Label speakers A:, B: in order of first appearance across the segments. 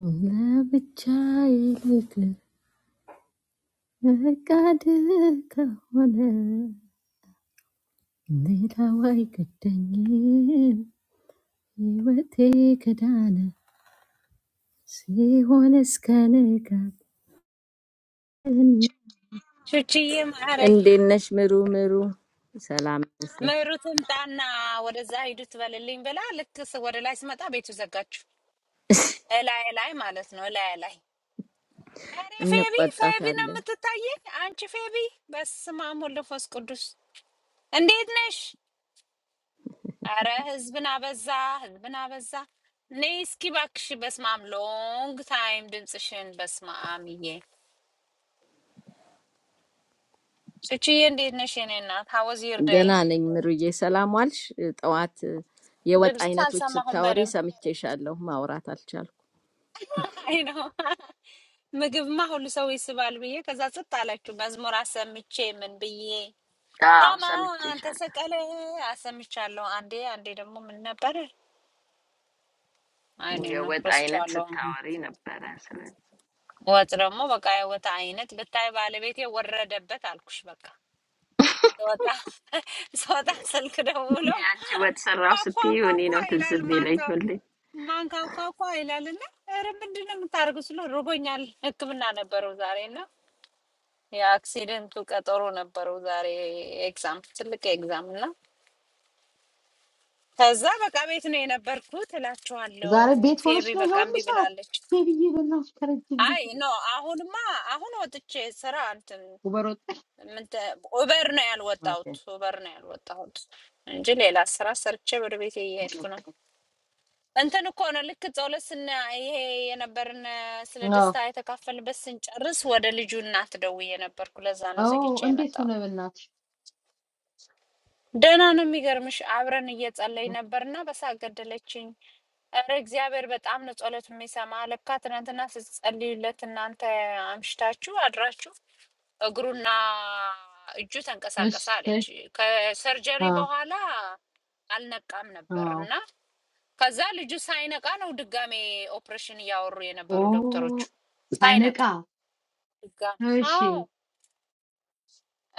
A: Andi nasmeru
B: ቹችዬ ማሬ
A: meru. Salaam.
B: መሩ ትምጣና ወደዛ ሂዱ ትበልልኝ ብላ ልክ ስ- ወደ ላይ ስመጣ ቤቱ ዘጋችሁ። እላይ ላይ ማለት ነው። እላይ ላይ ኧረ ፌቢ
A: Nek wat
B: ፌቢ ነው
A: atal.
B: የምትታየኝ አንቺ ፌቢ። በስመ አብ ወወልድ ወመንፈስ ቅዱስ እንዴት ነሽ? አረ ህዝብን አበዛ፣ ህዝብን አበዛ። ነይ እስኪ እባክሽ። በስመ አብ ሎንግ ታይም ድምፅሽን። በስመ አብ ይዬ ቹችዬ እንዴት ነሽ? የኔ እናት ሀወዝ ይርደይ
A: Dina nasmeru ye salaam walsh. Wat ye wat
B: ድምፅሽ
A: aynat witch the
B: አልሰማሁም
A: tawri?
B: በደምብ
A: Same tishal loh ma orat alchal.
B: አይ ነው ምግብማ ሁሉ ሰው ይስባል ብዬ ከዛ ጽጥ አላችሁ። መዝሙር አሰምቼ ምን ብዬ
A: Aah,
B: ሀማ
A: same
B: አንተ
A: tishal.
B: ሰቀለ አሰምቻለሁ። አንዴ አንዴ ደግሞ ምን ነበር አይኔ
A: Uye
B: ነው
A: wat aynat the
B: ረስቼዋለሁ። አሁን
A: tawri na bara salaam.
B: ወጥ ደግሞ በቃ የወጥ አይነት ብታይ ባለቤቴ ወረደበት አልኩሽ። በቃ ስወጣ ስወጣ ስልክ ደውሎ
A: Ni anjewat
B: ኳኳ
A: sarraosati
B: ኳኳ
A: ni no
B: ይላል
A: tizbi leh
B: ማንካው ማንካው ኳኳ ይላል እና ኧረ ምንድን ነው የምታደርገው ስለው ርቦኛል ህክምና ነበረው ዛሬ እና የአክሲደንቱ ቀጠሮ ነበረው ዛሬ ኤግዛም፣ ትልቅ ኤግዛም እና ከዛ በቃ ቤት ነው የነበርኩት እላችኋለሁ።
C: ዛሬ ቤት
B: ፌቢ
C: ሆነሽ ነው
B: በቃ
C: የሁሉ
B: እምቢ
C: ሰዓት
B: ብላለች።
C: ሴብዬ በእናትሽ ከረጅም
B: አይ
C: ጊዜ
B: ኖ አሁንማ አሁን ወጥቼ ስራ እንትን
C: ውበር ወጣሽ?
B: ምንተ- ኡበር ነው
C: ኦኬ።
B: ያልወጣሁት፣ ኡበር ነው ያልወጣሁት እንጂ ሌላ ስራ ሰርቼ ወደ ቤት እየሄድኩ ነው። እንትን እኮ ነው ልክ ጸሎት ስና ይሄ የነበርን ስለ
C: አዎ
B: ደስታ የተካፈልበት ስንጨርስ ወደ ልጁ እናት ደውዬ ነበርኩ። ለዛ ነው
C: አዎ፣
B: ዘግቼ
C: እንዴት
B: የመጣሁት።
C: ሆነ በእናትሽ?
B: ደህና ነው። የሚገርምሽ አብረን እየጸለይን ነበርና በሳቅ ገደለችኝ። እረ እግዚአብሔር በጣም ነው ጸሎት የሚሰማ። ለካ ትናንትና ስትጸልዩለት እናንተ አምሽታችሁ አድራችሁ እግሩና እጁ
C: እሺ
B: ተንቀሳቀሰ አለች። ከሰርጀሪ
C: አዎ
B: በኋላ አልነቃም ነበር
C: አዎ።
B: እና ከዛ ልጁ ሳይነቃ ነው ድጋሜ ኦፕሬሽን እያወሩ
C: ኦ
B: የነበሩ ዶክተሮቹ
C: ሳይነቃ
B: ሳይነቃ ድጋሜ።
C: እሺ
B: አዎ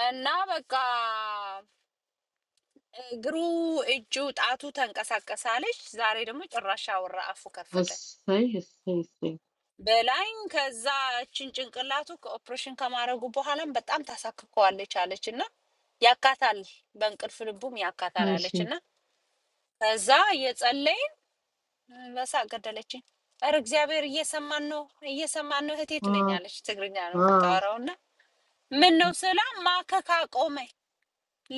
B: እና በቃ እግሩ፣ እጁ፣ ጣቱ ተንቀሳቀሰ አለች። ዛሬ ደግሞ ጭራሽ አወራ፣ አፉ ከፈተ
C: እሰይ እሰይ እሰይ
B: በላይም። ከዛ እችን ጭንቅላቱ ከኦፕሬሽን ከማድረጉ በኋላም በጣም ታሳክከዋለች አለች እና ያካታል፣ በእንቅልፍ ልቡም ያካታል
C: እሺ
B: አለች እና ከዛ እየጸለይን በሳቅ ገደለችኝ። ኧረ እግዚአብሔር እየሰማን ነው እየሰማን ነው እህቴ
C: አዎ
B: ትለኛለች። ትግርኛ ነው
C: አዎ
B: የምታወራው እና ምን ነው ስላ ማከክ አቆመ፣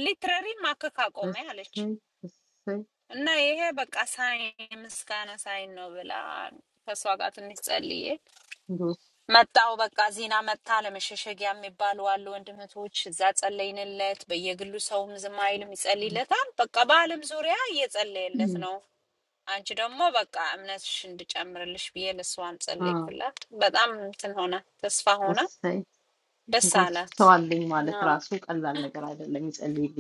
B: ሊትረሪ ማከክ አቆመ አለች።
C: እሰይ እሰይ
B: እና ይሄ በቃ ሳይን ምስጋና ሳይን ነው ብላ ከእሷ ጋር ትንሽ ጸልዬ
C: ጎሽ
B: መጣው። በቃ ዜና መጣ። ለመሸሸጊያ የሚባሉ አሉ ወንድምቶች፣ እዛ ጸለይንለት። በየግሉ ሰውም ዝም አይልም፣ ይጸልይለታል። በቃ በዓለም ዙሪያ እየጸለየለት
C: እም፣
B: ነው። አንቺ ደግሞ በቃ እምነትሽ እንድጨምርልሽ ብዬ ለእሷም
C: አዎ
B: ጸለይኩላት። በጣም እንትን ሆነ፣ ተስፋ ሆነ፣
C: እሰይ
B: ደስ
C: ጎሽ
B: አላት።
C: ሰው አለኝ ማለት
B: አዎ፣
C: ራሱ ቀላል ነገር አይደለም። ይጸልይልኝ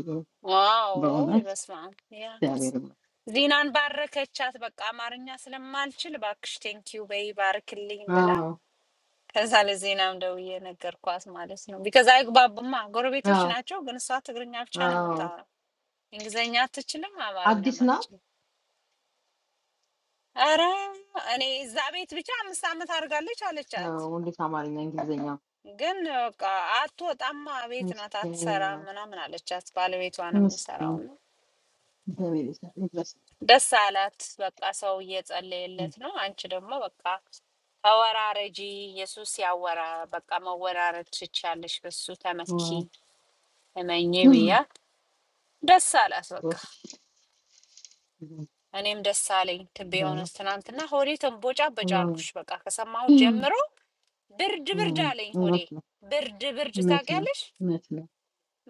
B: ዋው
C: በእውነት
B: በስመ አብ ያ
C: እግዚአብሔር ይመስገን።
B: ዚናን ባረከቻት። በቃ አማርኛ ስለማልችል እባክሽ ቴንኪው በይ ባርክልኝ ብላ
C: አዎ
B: ከዛ ለዜናም ደውዬ ነገርኳት ማለት ነው። ቢከዛ አይግባቡማ ጎረቤቶች
C: አዎ
B: ናቸው። ግን እሷ ትግርኛ ብቻ ነው
C: አዎ
B: የምታወራው፣ እንግሊዝኛ አትችልም፣
C: አዲስ
B: አማርኛም
C: ናት።
B: አትችልም። ኧረ እኔ እዛ ቤት ብቻ አምስት ዓመት አድርጋለች አለቻት።
C: አዎ እንዴት አማርኛ እንግሊዝኛ
B: ግን በቃ አትወጣማ ቤት ናት
C: ምስኪን
B: አትሰራም
C: ነው።
B: ምናምን አለቻት። ባለቤቷ ነው
C: ምስኪን
B: የሚሰራው ነው
C: እግዚአብሔር ይመስገን።
B: ደስ አላት። በቃ ሰው እየጸለየለት ነው። አንቺ ደግሞ በቃ ተወራረጂ። ኢየሱስ ያወራ በቃ መወራረድ ትችያለሽ፣ በሱ ተመኪ
C: እውነት
B: እመኚ
C: ነው።
B: ብያት ደስ አላት። በቃ
C: እውነት
B: እኔም ደስ አለኝ። ትቤ የሆነስ ትናንትና ሆዴ ተንቦጫበጫ አልኩሽ። በቃ ከሰማሁት ጀምሮ ብርድ ብርድ አለኝ ሆዴ ብርድ ብርድ።
C: ነው።
B: ታውቂያለሽ
C: እውነት ነው።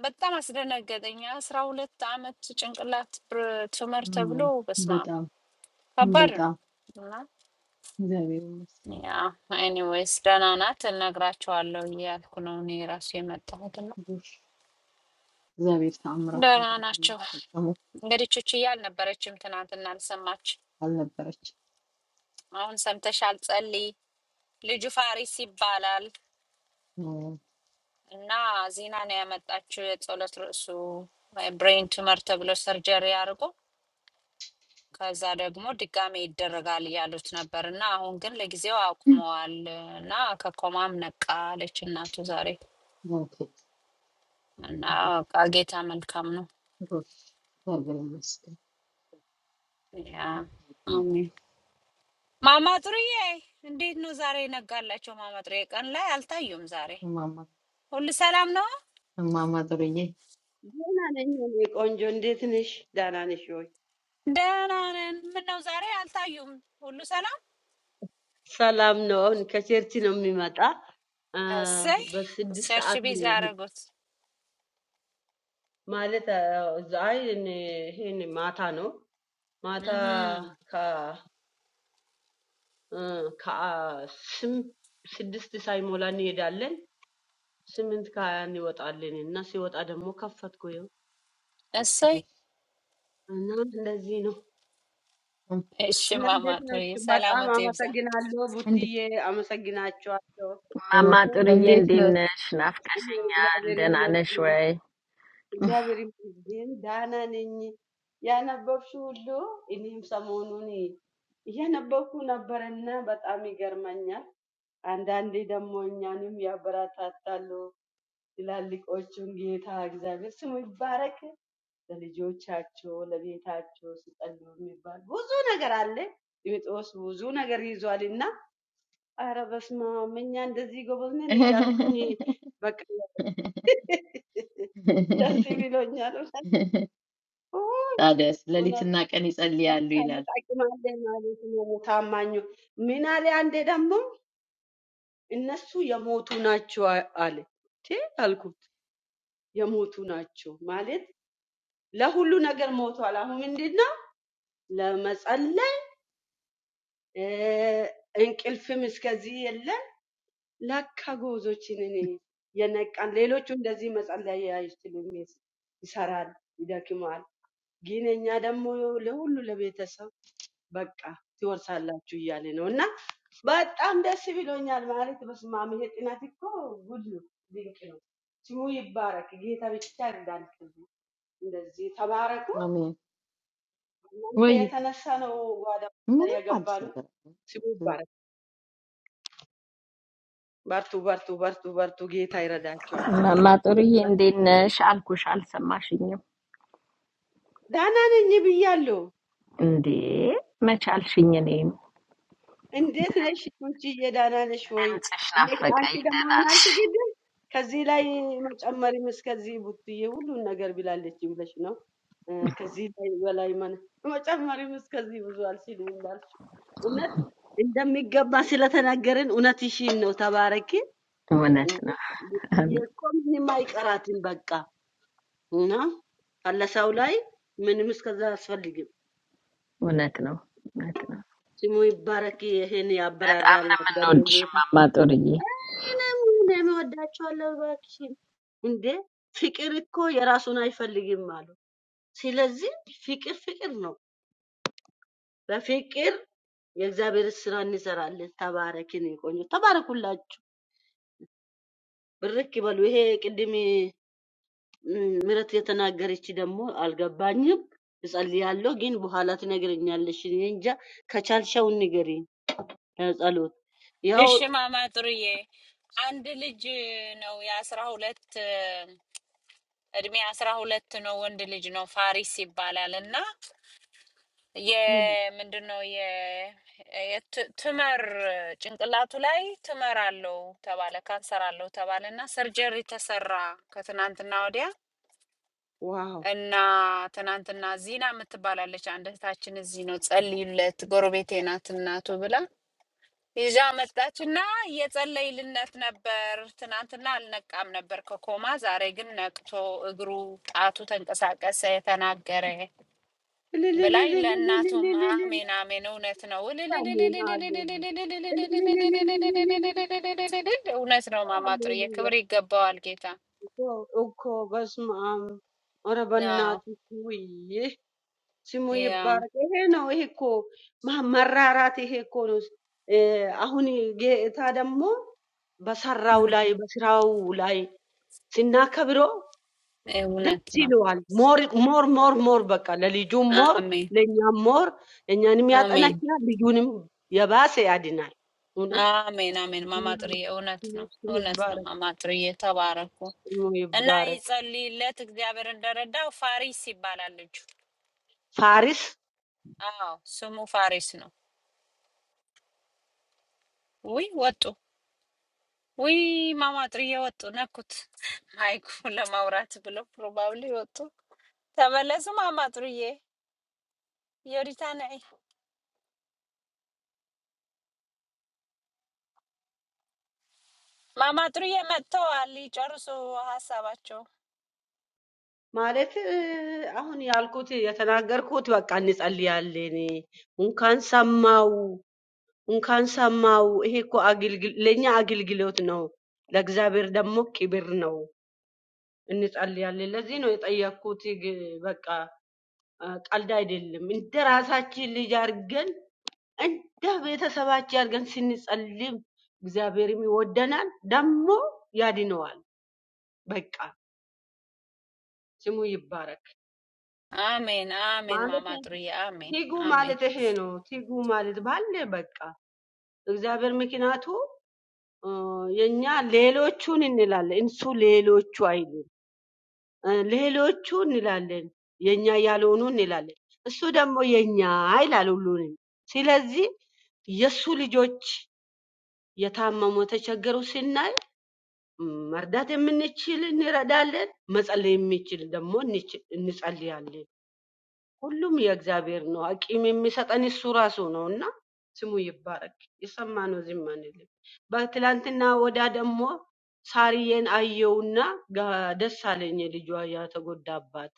B: በጣም አስደነገጠኝ። አስራ ሁለት አመት ጭንቅላት ብር- ቱመር ተብሎ
C: አዎ፣
B: በስማ
C: በጣም
B: ከባድ
C: በጣም
B: ነው። እና
C: እግዚአብሔር ይመስገን።
B: ያ ኤኒዌይስ ደህና ናት። እነግራቸዋለሁ እያልኩ ነው እኔ ራሱ የመጣሁት እና
C: ጎሽ እግዚአብሔር ተአምራት
B: ደህና ናቸው።
C: ያደርግላት። ፈጽሞ
B: እንግዲህ ቹችዬ አልነበረችም ትናንትና አልሰማች።
C: አልነበረች።
B: አሁን ሰምተሻል። ጸልይ ልጁ ፋሪስ ይባላል
C: አዎ፣
B: እና ዚና ነው ያመጣችው የጸሎት ርዕሱ ብሬን ቱመር ተብሎ ሰርጀሪ አድርጎ ከዛ ደግሞ ድጋሜ ይደረጋል እያሉት ነበር እና አሁን ግን ለጊዜው አቁመዋል እና ከኮማም ነቃ አለች እናቱ ዛሬ
C: ኦኬ
B: እና
C: ጎሽ
B: በቃ ጌታ መልካም ነው።
C: ጎሽ፣ እግዚአብሔር ይመስገን።
B: ያ፣ አሜን። ማማ ጥሩዬ እንዴት ነው ዛሬ ነጋላቸው? ማማ ጥሩዬ ቀን ላይ አልታዩም። ዛሬ
C: እማማ
B: ሁሉ ሰላም ነው?
C: እማማ ጥሩዬ
D: ደህና ነኝ እኔ ቆንጆ። እንዴት ነሽ? ደህና ነሽ ወይ?
B: ደህና ነን። ምነው ዛሬ አልታዩም? ሁሉ ሰላም።
D: ሰላም ነው። አሁን ከቸርች ነው የሚመጣ አ፣
B: እሰይ
D: በስድስት
B: ቸርች
D: ሰዓት
B: ቢዚ
D: ነው የሚ-
B: አደረጉት።
D: ማለት አ፣ እዛ- አይ እኔ ይሄን ማታ ነው ማታ
B: እህ፣
D: ከ- እ፣ ከአ- ስም ስድስት ሳይሞላ እንሄዳለን። ስምንት ከሀያ እንወጣለን እና ሲወጣ ደግሞ ከፈትኩ ይኸው
B: እሰይ።
D: እና እንደዚህ ነው።
B: እሺ
D: እና
B: ማማ
D: እንዴት
B: ጥሩዬ
D: ናችሁ? በጣም
B: ሰላመት ይብዛ።
D: አመሰግናለሁ
C: እንዴ-
D: ቡትዬ፣ አመሰግናችኋለሁ።
A: mami tori
C: እንዴት
A: yindi
C: ነው
A: nesh
D: እኔ
A: nafkasinya
D: እግዚአብሔር
A: den
D: ይመስገን
A: aneshwe
D: እግዚአብሔር ይመስገን ደህና ነኝ። ያነበብሽው ሁሉ እኔም ሰሞኑን እያነበብኩ ነበረና በጣም ይገርመኛል። አንዳንዴ ደግሞ እኛንም ያበረታታሉ ትላልቆቹን። ጌታ እግዚአብሔር ስሙ ይባረክ። ለልጆቻቸው ለቤታቸው ሲጸሉ የሚባል ብዙ ነገር አለ። ጢሞቴዎስ ብዙ ነገር ይዟል እና አረ በስመ አብ እኛ እንደዚህ ጎበዝ ነን እያልኩኝ በቃ ደስ ብሎኛል።
C: ታዲያስ?
D: እውነት
C: ሌሊትና ቀን ይጸልያሉ
D: ለካም
C: ይላል።
D: ይጠቅማል ማለት ነው። ታማኙ ምን አለ? አንዴ ደግሞ እነሱ የሞቱ ናቸው አ- አለ። ቴ አልኩት የሞቱ ናቸው ማለት ለሁሉ ነገር ሞቷል። አሁን ምንድን ነው ለመጸለይ እ፣ እንቅልፍም እስከዚህ የለም። ለካ ጎዞችን እኔ የነቃን ሌሎቹ እንደዚህ መጸለይ አይችሉም፣ ይሰራል፣ ይደክማል። ግን እኛ ደግሞ ለሁሉ ለቤተሰብ በቃ ትወርሳላችሁ እያለ ነው እና በጣም ደስ ብሎኛል። ማለት በስመ አብ ይሄ ጥናት እኮ ጉድ ነው፣ ድንቅ ነው። ስሙ ይባረክ፣ ጌታ ብቻ ይርዳን። እንደዚህ ተባረኩ።
C: አሜን።
D: እናንተ
C: ወይ
D: የተነሳ ነው ጓዳ
C: ምንም
D: የገባ
C: አዲስ
D: ነው።
C: ነገር አለ?
D: ስሙ ይባረክ። በርቱ፣ በርቱ፣ በርቱ፣ በርቱ። ጌታ ይረዳችኋል።
A: mami tori yindi nesh alku alsa mashinya
D: ደህና ነኝ ብያለሁ።
A: ndi mechal shinya ni
D: እንዴት
A: dem
D: ነሽ አንቺዬ? ደህና ነሽ ወይ?
A: dem tesh
D: እኔ
A: nafka
D: አንቺ ደግሞ
A: ydena
D: ምን አልሽ?
A: sh
D: ግድም ከዚህ ላይ መጨመሪም እስከዚህ ቡትዬ ሁሉን ነገር ብላለች ብለሽ ነው እ፣ ከዚህ ላይ በላይ መን መጨመሪም እስከዚህ ብዙ አልሲል እንዳልሽ እውነት እንደሚገባ ስለተናገርን እውነትሽን ነው። ተባረኪ እ፣
A: wonetno
D: ቡትዬ
A: ham
D: እኮ ምንም አይቀራትም። በቃ እና አለሰው ላይ ምንም እስከዛ አያስፈልግም።
A: wonetno netno
D: ስሙ ይባረክ። ይሄን
A: neta amne
D: ያበራራላት ደግሞ
A: manud sh
D: ጌታ
A: mami tori
D: ለምን ወዳቸዋለሁ እባክሽን እንዴ ፍቅር እኮ የራሱን አይፈልግም አሉ። ስለዚህ ፍቅር ፍቅር ነው። በፍቅር የእግዚአብሔር ስራ እንሰራለን። ተባረክን ቆንጆ ተባረኩላችሁ። ብርክ ይበሉ። ይሄ ቅድም እም፣ ምረት የተናገረች ደግሞ አልገባኝም። እጸልያለሁ ግን በኋላ ትነግረኛለሽ። እኔ እንጃ ከቻልሻው ንገሪኝ። ለጸሎት ያው
B: እሺ ማማ ጥሩዬ አንድ ልጅ ነው የአስራ ሁለት እድሜ አስራ ሁለት ነው ወንድ ልጅ ነው ፋሪስ ይባላል እና
D: እም፣
B: የምንድን ነው የ- የት- ትመር ጭንቅላቱ ላይ ትመር አለው ተባለ፣ ካንሰር አለው ተባለ እና ሰርጀሪ ተሰራ ከትናንትና ወዲያ
D: ዋው
B: እና ትናንትና ዚና የምትባላለች አንድ እህታችን እዚህ ነው ጸልዩለት፣ ጎረቤቴ ናት እናቱ ብላ ይዛ መጣች እና እየጸለይልነት ነበር። ትናንትና አልነቃም ነበር ከኮማ ዛሬ ግን ነቅቶ እግሩ ጣቱ ተንቀሳቀሰ፣ ተናገረ። ኚንኴንክ አኝራዮ እን ና አንိ ኢ Ⴓላራ ኢ
D: Hallelujah.
B: መጓፍ ሲመውይ ውት ጊምድ ና እዜም ፣ገሪ ዘተሲላራዎራች እላ ኖ ኢፍድ ሕ ወደ
D: Hallelujah.
B: ማ ኢደ ት ኢዮ
D: እኮ እኮ በስመ አብ። ኧረ በእናትህ ውይ ስሙ ይባረክ። ይሄ ነው ይሄ እኮ ማ- መራራት ይሄ እኮ ነው። እ፣ አሁን ጌታ ደግሞ በሰራው ላይ በስራው ላይ ስናከብረው ደስ ይለዋል። ሞር ሞር ሞር ሞር በቃ ለልጁም ሞር ለእኛም ሞር እኛንም ያጠናክራል፣ ልጁንም የባሰ ያድናል። ስሙ ይባረክ፣
B: ረለለቆ ሆጽ
D: ስሙ ይባረክ። ፋሪስ
B: ሡኝዳ ሀይኩ ለማውራት ብለው ፕሮባብሊ ወጡ። ተመለሱ። ማማ ጥሩዬ የሪታን ማማ ጥሩዬ መጥተዋል። ይጨርሱ ሀሳባቸው።
D: ማለት እ፣ አሁን ያልኩት የተናገርኩት በቃ እንጸልያለን። እንኳን ሰማው እንኳን ሰማው። ይሄ እኮ አገልግል ለእኛ አገልግሎት ነው፣ ለእግዚአብሔር ደግሞ ክብር ነው። እንጸልያለን። ለዚህ ነው የጠየቅኩት። ግ- በቃ እ፣ ቀልድ አይደለም። እንደ ራሳችን ልጅ አድርገን እንደ ቤተሰባችን አድርገን ስንጸልም እግዚአብሔርም ይወደናል፣ ደግሞ ያድነዋል። በቃ ስሙ ይባረክ
B: አሜን አሜን።
D: ማለት
B: ማማ ጥሩዬ አሜን
D: ትጉ
B: አሜን።
D: ማለት ይሄ ነው። ትጉ ማለት ባለ በቃ እግዚአብሔር ምክንያቱ እ፣ የኛ ሌሎቹን እንላለን፣ እንሱ ሌሎቹ አይልም። እ፣ ሌሎቹ እንላለን፣ የኛ ያልሆኑ እንላለን። እሱ ደግሞ የኛ ይላል ሁሉንም። ስለዚህ የእሱ ልጆች የታመሙ የተቸገሩ ስናይ ም፣ መርዳት የምንችል እንረዳለን፣ መጸለይ የምንችል ደግሞ እንች- እንጸልያለን። ሁሉም የእግዚአብሔር ነው። አቂም የሚሰጠን እሱ ራሱ ነው እና ስሙ ይባረክ። የሰማ ነው ዝም አንልም። በትላንትና ወዳ ደግሞ ሳርዬን አየውና ጋ- ደስ አለኝ ልጇ ያተጎዳባት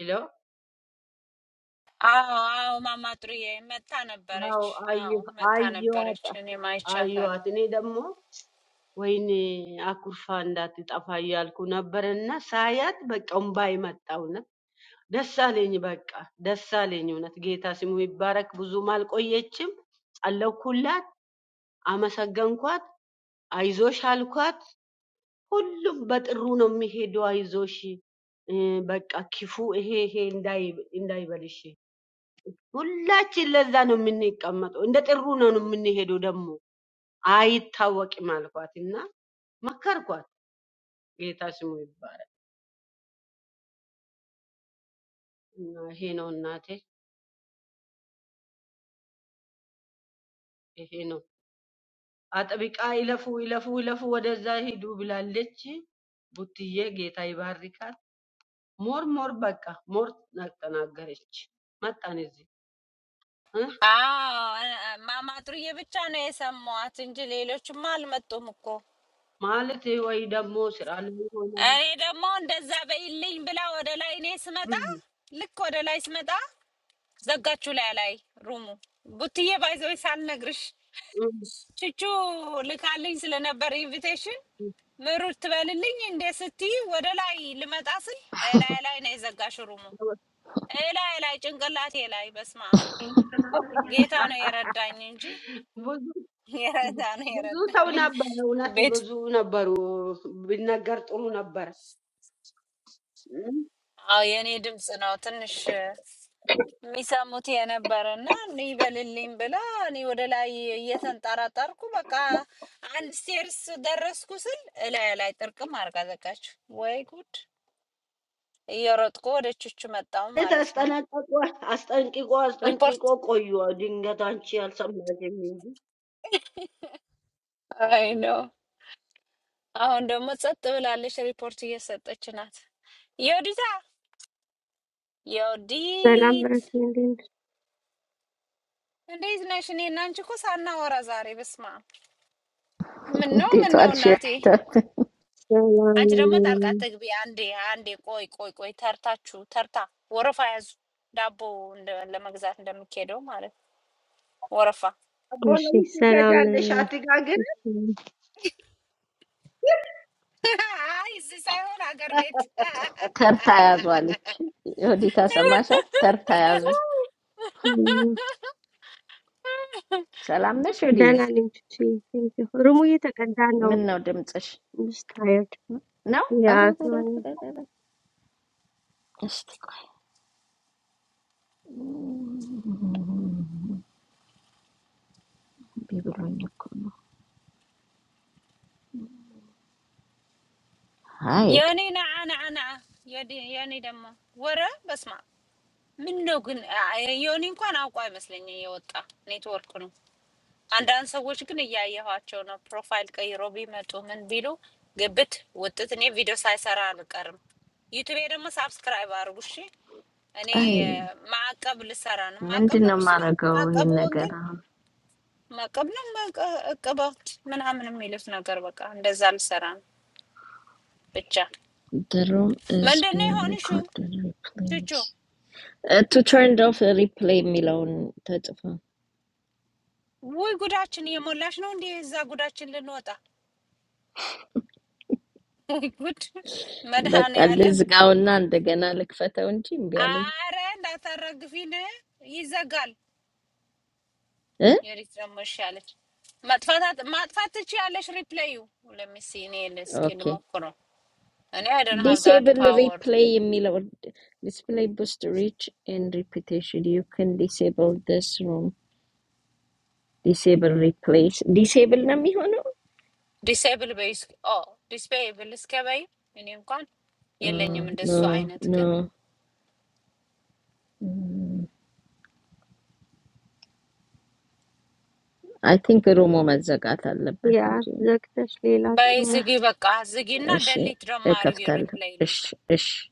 D: ይለው
B: አዎ አዎ፣ ማማ ጥሩዬ መታ
D: አዎ
B: ነበረች። አዎ
D: አየ-
B: መታ
D: አየዋት
B: ነበረች። እኔም አይቻታለሁ።
D: አየዋት። እኔ ደግሞ ወይኔ አኩርፋ እንዳትጠፋ እያልኩ ነበርና ሳያት በቃ እምባዬ መጣ። እውነት ደስ አለኝ፣ በቃ ደስ አለኝ። እውነት ጌታ ስሙ ይባረክ። ብዙም አልቆየችም፣ ጸለይኩላት። አመሰገንኳት፣ አይዞሽ አልኳት። ሁሉም በጥሩ ነው የሚሄደው። አይዞሽ እ፣ በቃ ክፉ ይሄ ይሄ እንዳይ- እንዳይበልሽ። ሁላችን ለዛ ነው የምንቀመጠው። እንደ ጥሩ ነው የምንሄደው። ደግሞ አይታወቅም አልኳት እና መከርኳት። ጌታ ስሙ ይባላል። እና ይሄ ነው እናቴ፣ ይሄ ነው አጥብቃ ይለፉ ይለፉ ይለፉ ወደዛ ሂዱ ብላለች። ቡትዬ ጌታ ይባርካት። ሞር ሞር በቃ ሞር ተናገረች። መጣን እዚህ
B: አዎ እ- እ- ማማ ጥሩዬ ብቻ ነው የሰማዋት እንጂ ሌሎችማ አልመጡም እኮ።
D: ማለት ወይ ደግሞ ስራ ላይ ይሆናል።
B: እኔ ደግሞ እንደዛ በይልኝ ብላ ወደ ላይ እኔ ስመጣ
D: እም፣
B: ልክ ወደ ላይ ስመጣ ዘጋችሁ ላይ ላይ ሩሙ ቡትዬ ባይዘወይ ሳልነግርሽ
D: እም፣
B: ቹቹ ልካልኝ ስለነበር ኢንቪቴሽን
D: እም።
B: ምሩት ትበልልኝ እንዴ ስትይ ወደ ላይ ልመጣ ስል ላይ ላይ ነው የዘጋሽ ሩሙ ላይ ላይ ጭንቅላቴ ላይ በስማ ጌታ ነው የረዳኝ እንጂ
D: ብዙ
B: የረዳ ነው
D: ብዙ ሰው
B: የረዳኝ
D: ነበር፣ እውነት
B: ቤት
D: ብዙ ነበሩ። ቢነገር ጥሩ ነበር። እም፣
B: አዎ የእኔ ድምፅ ነው ትንሽ የሚሰሙት የነበረ እና እኔ ይበልልኝ ብላ እኔ ወደ ላይ እየተንጠራጠርኩ በቃ አንድ ስቴርስ ደረስኩ ስል እላይ ላይ ጥርቅም አድርጋ ዘጋችሁ። ወይ ጉድ! እየሮጥኩ ወደ ቹቹ መጣሁ
D: ማለት
B: ማለት ነው።
D: አስጠነቀቁ፣ አስጠንቅቆ አስጠንቅቆ
B: ሪፖርት
D: ቆዩ። ድንገት አንቺ አልሰማሽም እንጂ
B: አይ ነው። አሁን ደግሞ ጸጥ ብላለች፣ ሪፖርት እየሰጠች ናት። የወዲታ
E: Salam for
B: የወዲት
E: you, dear.
B: እንዴት ነሽ? እኔ እና አንቺ እኮ ሳናወራ ዛሬ። በስመ አብ! ምነው
A: di to
B: ምነው
A: alsheri
B: እናቴ
A: to
B: አንቺ ደግሞ ጣልቃ
E: Salam,
B: ትግቢ። አንዴ አንዴ ቆይ ቆይ ቆይ ተርታችሁ ተርታ ወረፋ ያዙ። ዳቦ እንደ- ለመግዛት እንደሚኬደው ማለት ነው። ወረፋ
D: አቦ ለምን
E: Sheikh.
D: ትገጃለሽ?
E: Sama.
D: አትጋግር
E: What's up?
B: አይ እዚህ ሳይሆን አገር ቤት
A: ter ta yazwalich hodi tasama sha ter ta yazu
E: What's
A: salam ne shodi.
E: up? I'm
A: No dim switch.
E: just tired.
A: No. I
E: Yeah,
A: don't. I don't. I
E: man.
A: don't. I don't. I don't. I don't. I don't. I don't. Alright.
B: የኔ ነዓ ነዓ ነዓ የዲ- የኔ ደግሞ ወረ በስማ ምን ነው ግን አ- የኔ እንኳን አውቆ አይመስለኝ የወጣ ኔትወርክ ነው። አንዳንድ ሰዎች ግን እያየኋቸው ነው። ፕሮፋይል ቀይሮ ቢመጡ ምን ቢሉ ግብት ውጥት። እኔ ቪዲዮ ሳይሰራ አልቀርም። ዩቱቤ ደግሞ ሳብስክራይብ አድርጉ እሺ። እኔ እ፣
A: Aye.
B: ማዕቀብ ልሰራ ነው።
A: When
B: ማዕቀብ
A: did
B: ነው
A: no
B: የሚችለው
A: matter go
B: ማዕቀቡ
A: in again?
B: ወንጌል ማዕቀብ ነው ማዕቀ- እቅባት ምናምን የሚሉት ነገር በቃ እንደዛ ልሰራ ነው። ብቻ
A: The room is
B: ምንድን ነው
A: being
B: የሆንሹ
A: recorded.
B: ቹቹ?
A: Please. To turn off the replay, Milo. That's fine.
B: ውይ ጉዳችን እየሞላች ነው እንዴ! እዛ ጉዳችን ልንወጣ ውይ ጉድ
A: But I
B: መድኃኔዓለም
A: just go and then the general effect on Jim be like.
B: አረ እንዳታረግፊን ይዘጋል።
A: Huh?
B: የኤሌክትሪክ መሻለች ማጥፋት ማጥፋት ትችያለሽ። ሪፕሌዩ ለሚሲ እኔ እስኪ
A: Okay.
B: ልሞክረው። እኔ አይ ዶንት ሃቭ ዳት
A: Disable the
B: ፓወር
A: replay, Milo. This play boost reach in reputation. You can disable this room. Disable replace disable. Nami ano?
B: ዲስኤብል በይስ ኦ ዲስኤብል እስከ በይ እኔ እንኳን የለኝም እንደሱ
A: No,
B: አይነት
A: no.
B: ግን
A: I think Romo magzaga talab. I
E: Yeah,
A: think
E: just a
B: በይ
E: little.
B: ዝጊ፣ በቃ ዝጊ እና
A: she
B: ደሊት ደግሞ
A: a
B: አድርጊ
A: kaftal.
B: ሪፕሌይ
A: Ish, ish.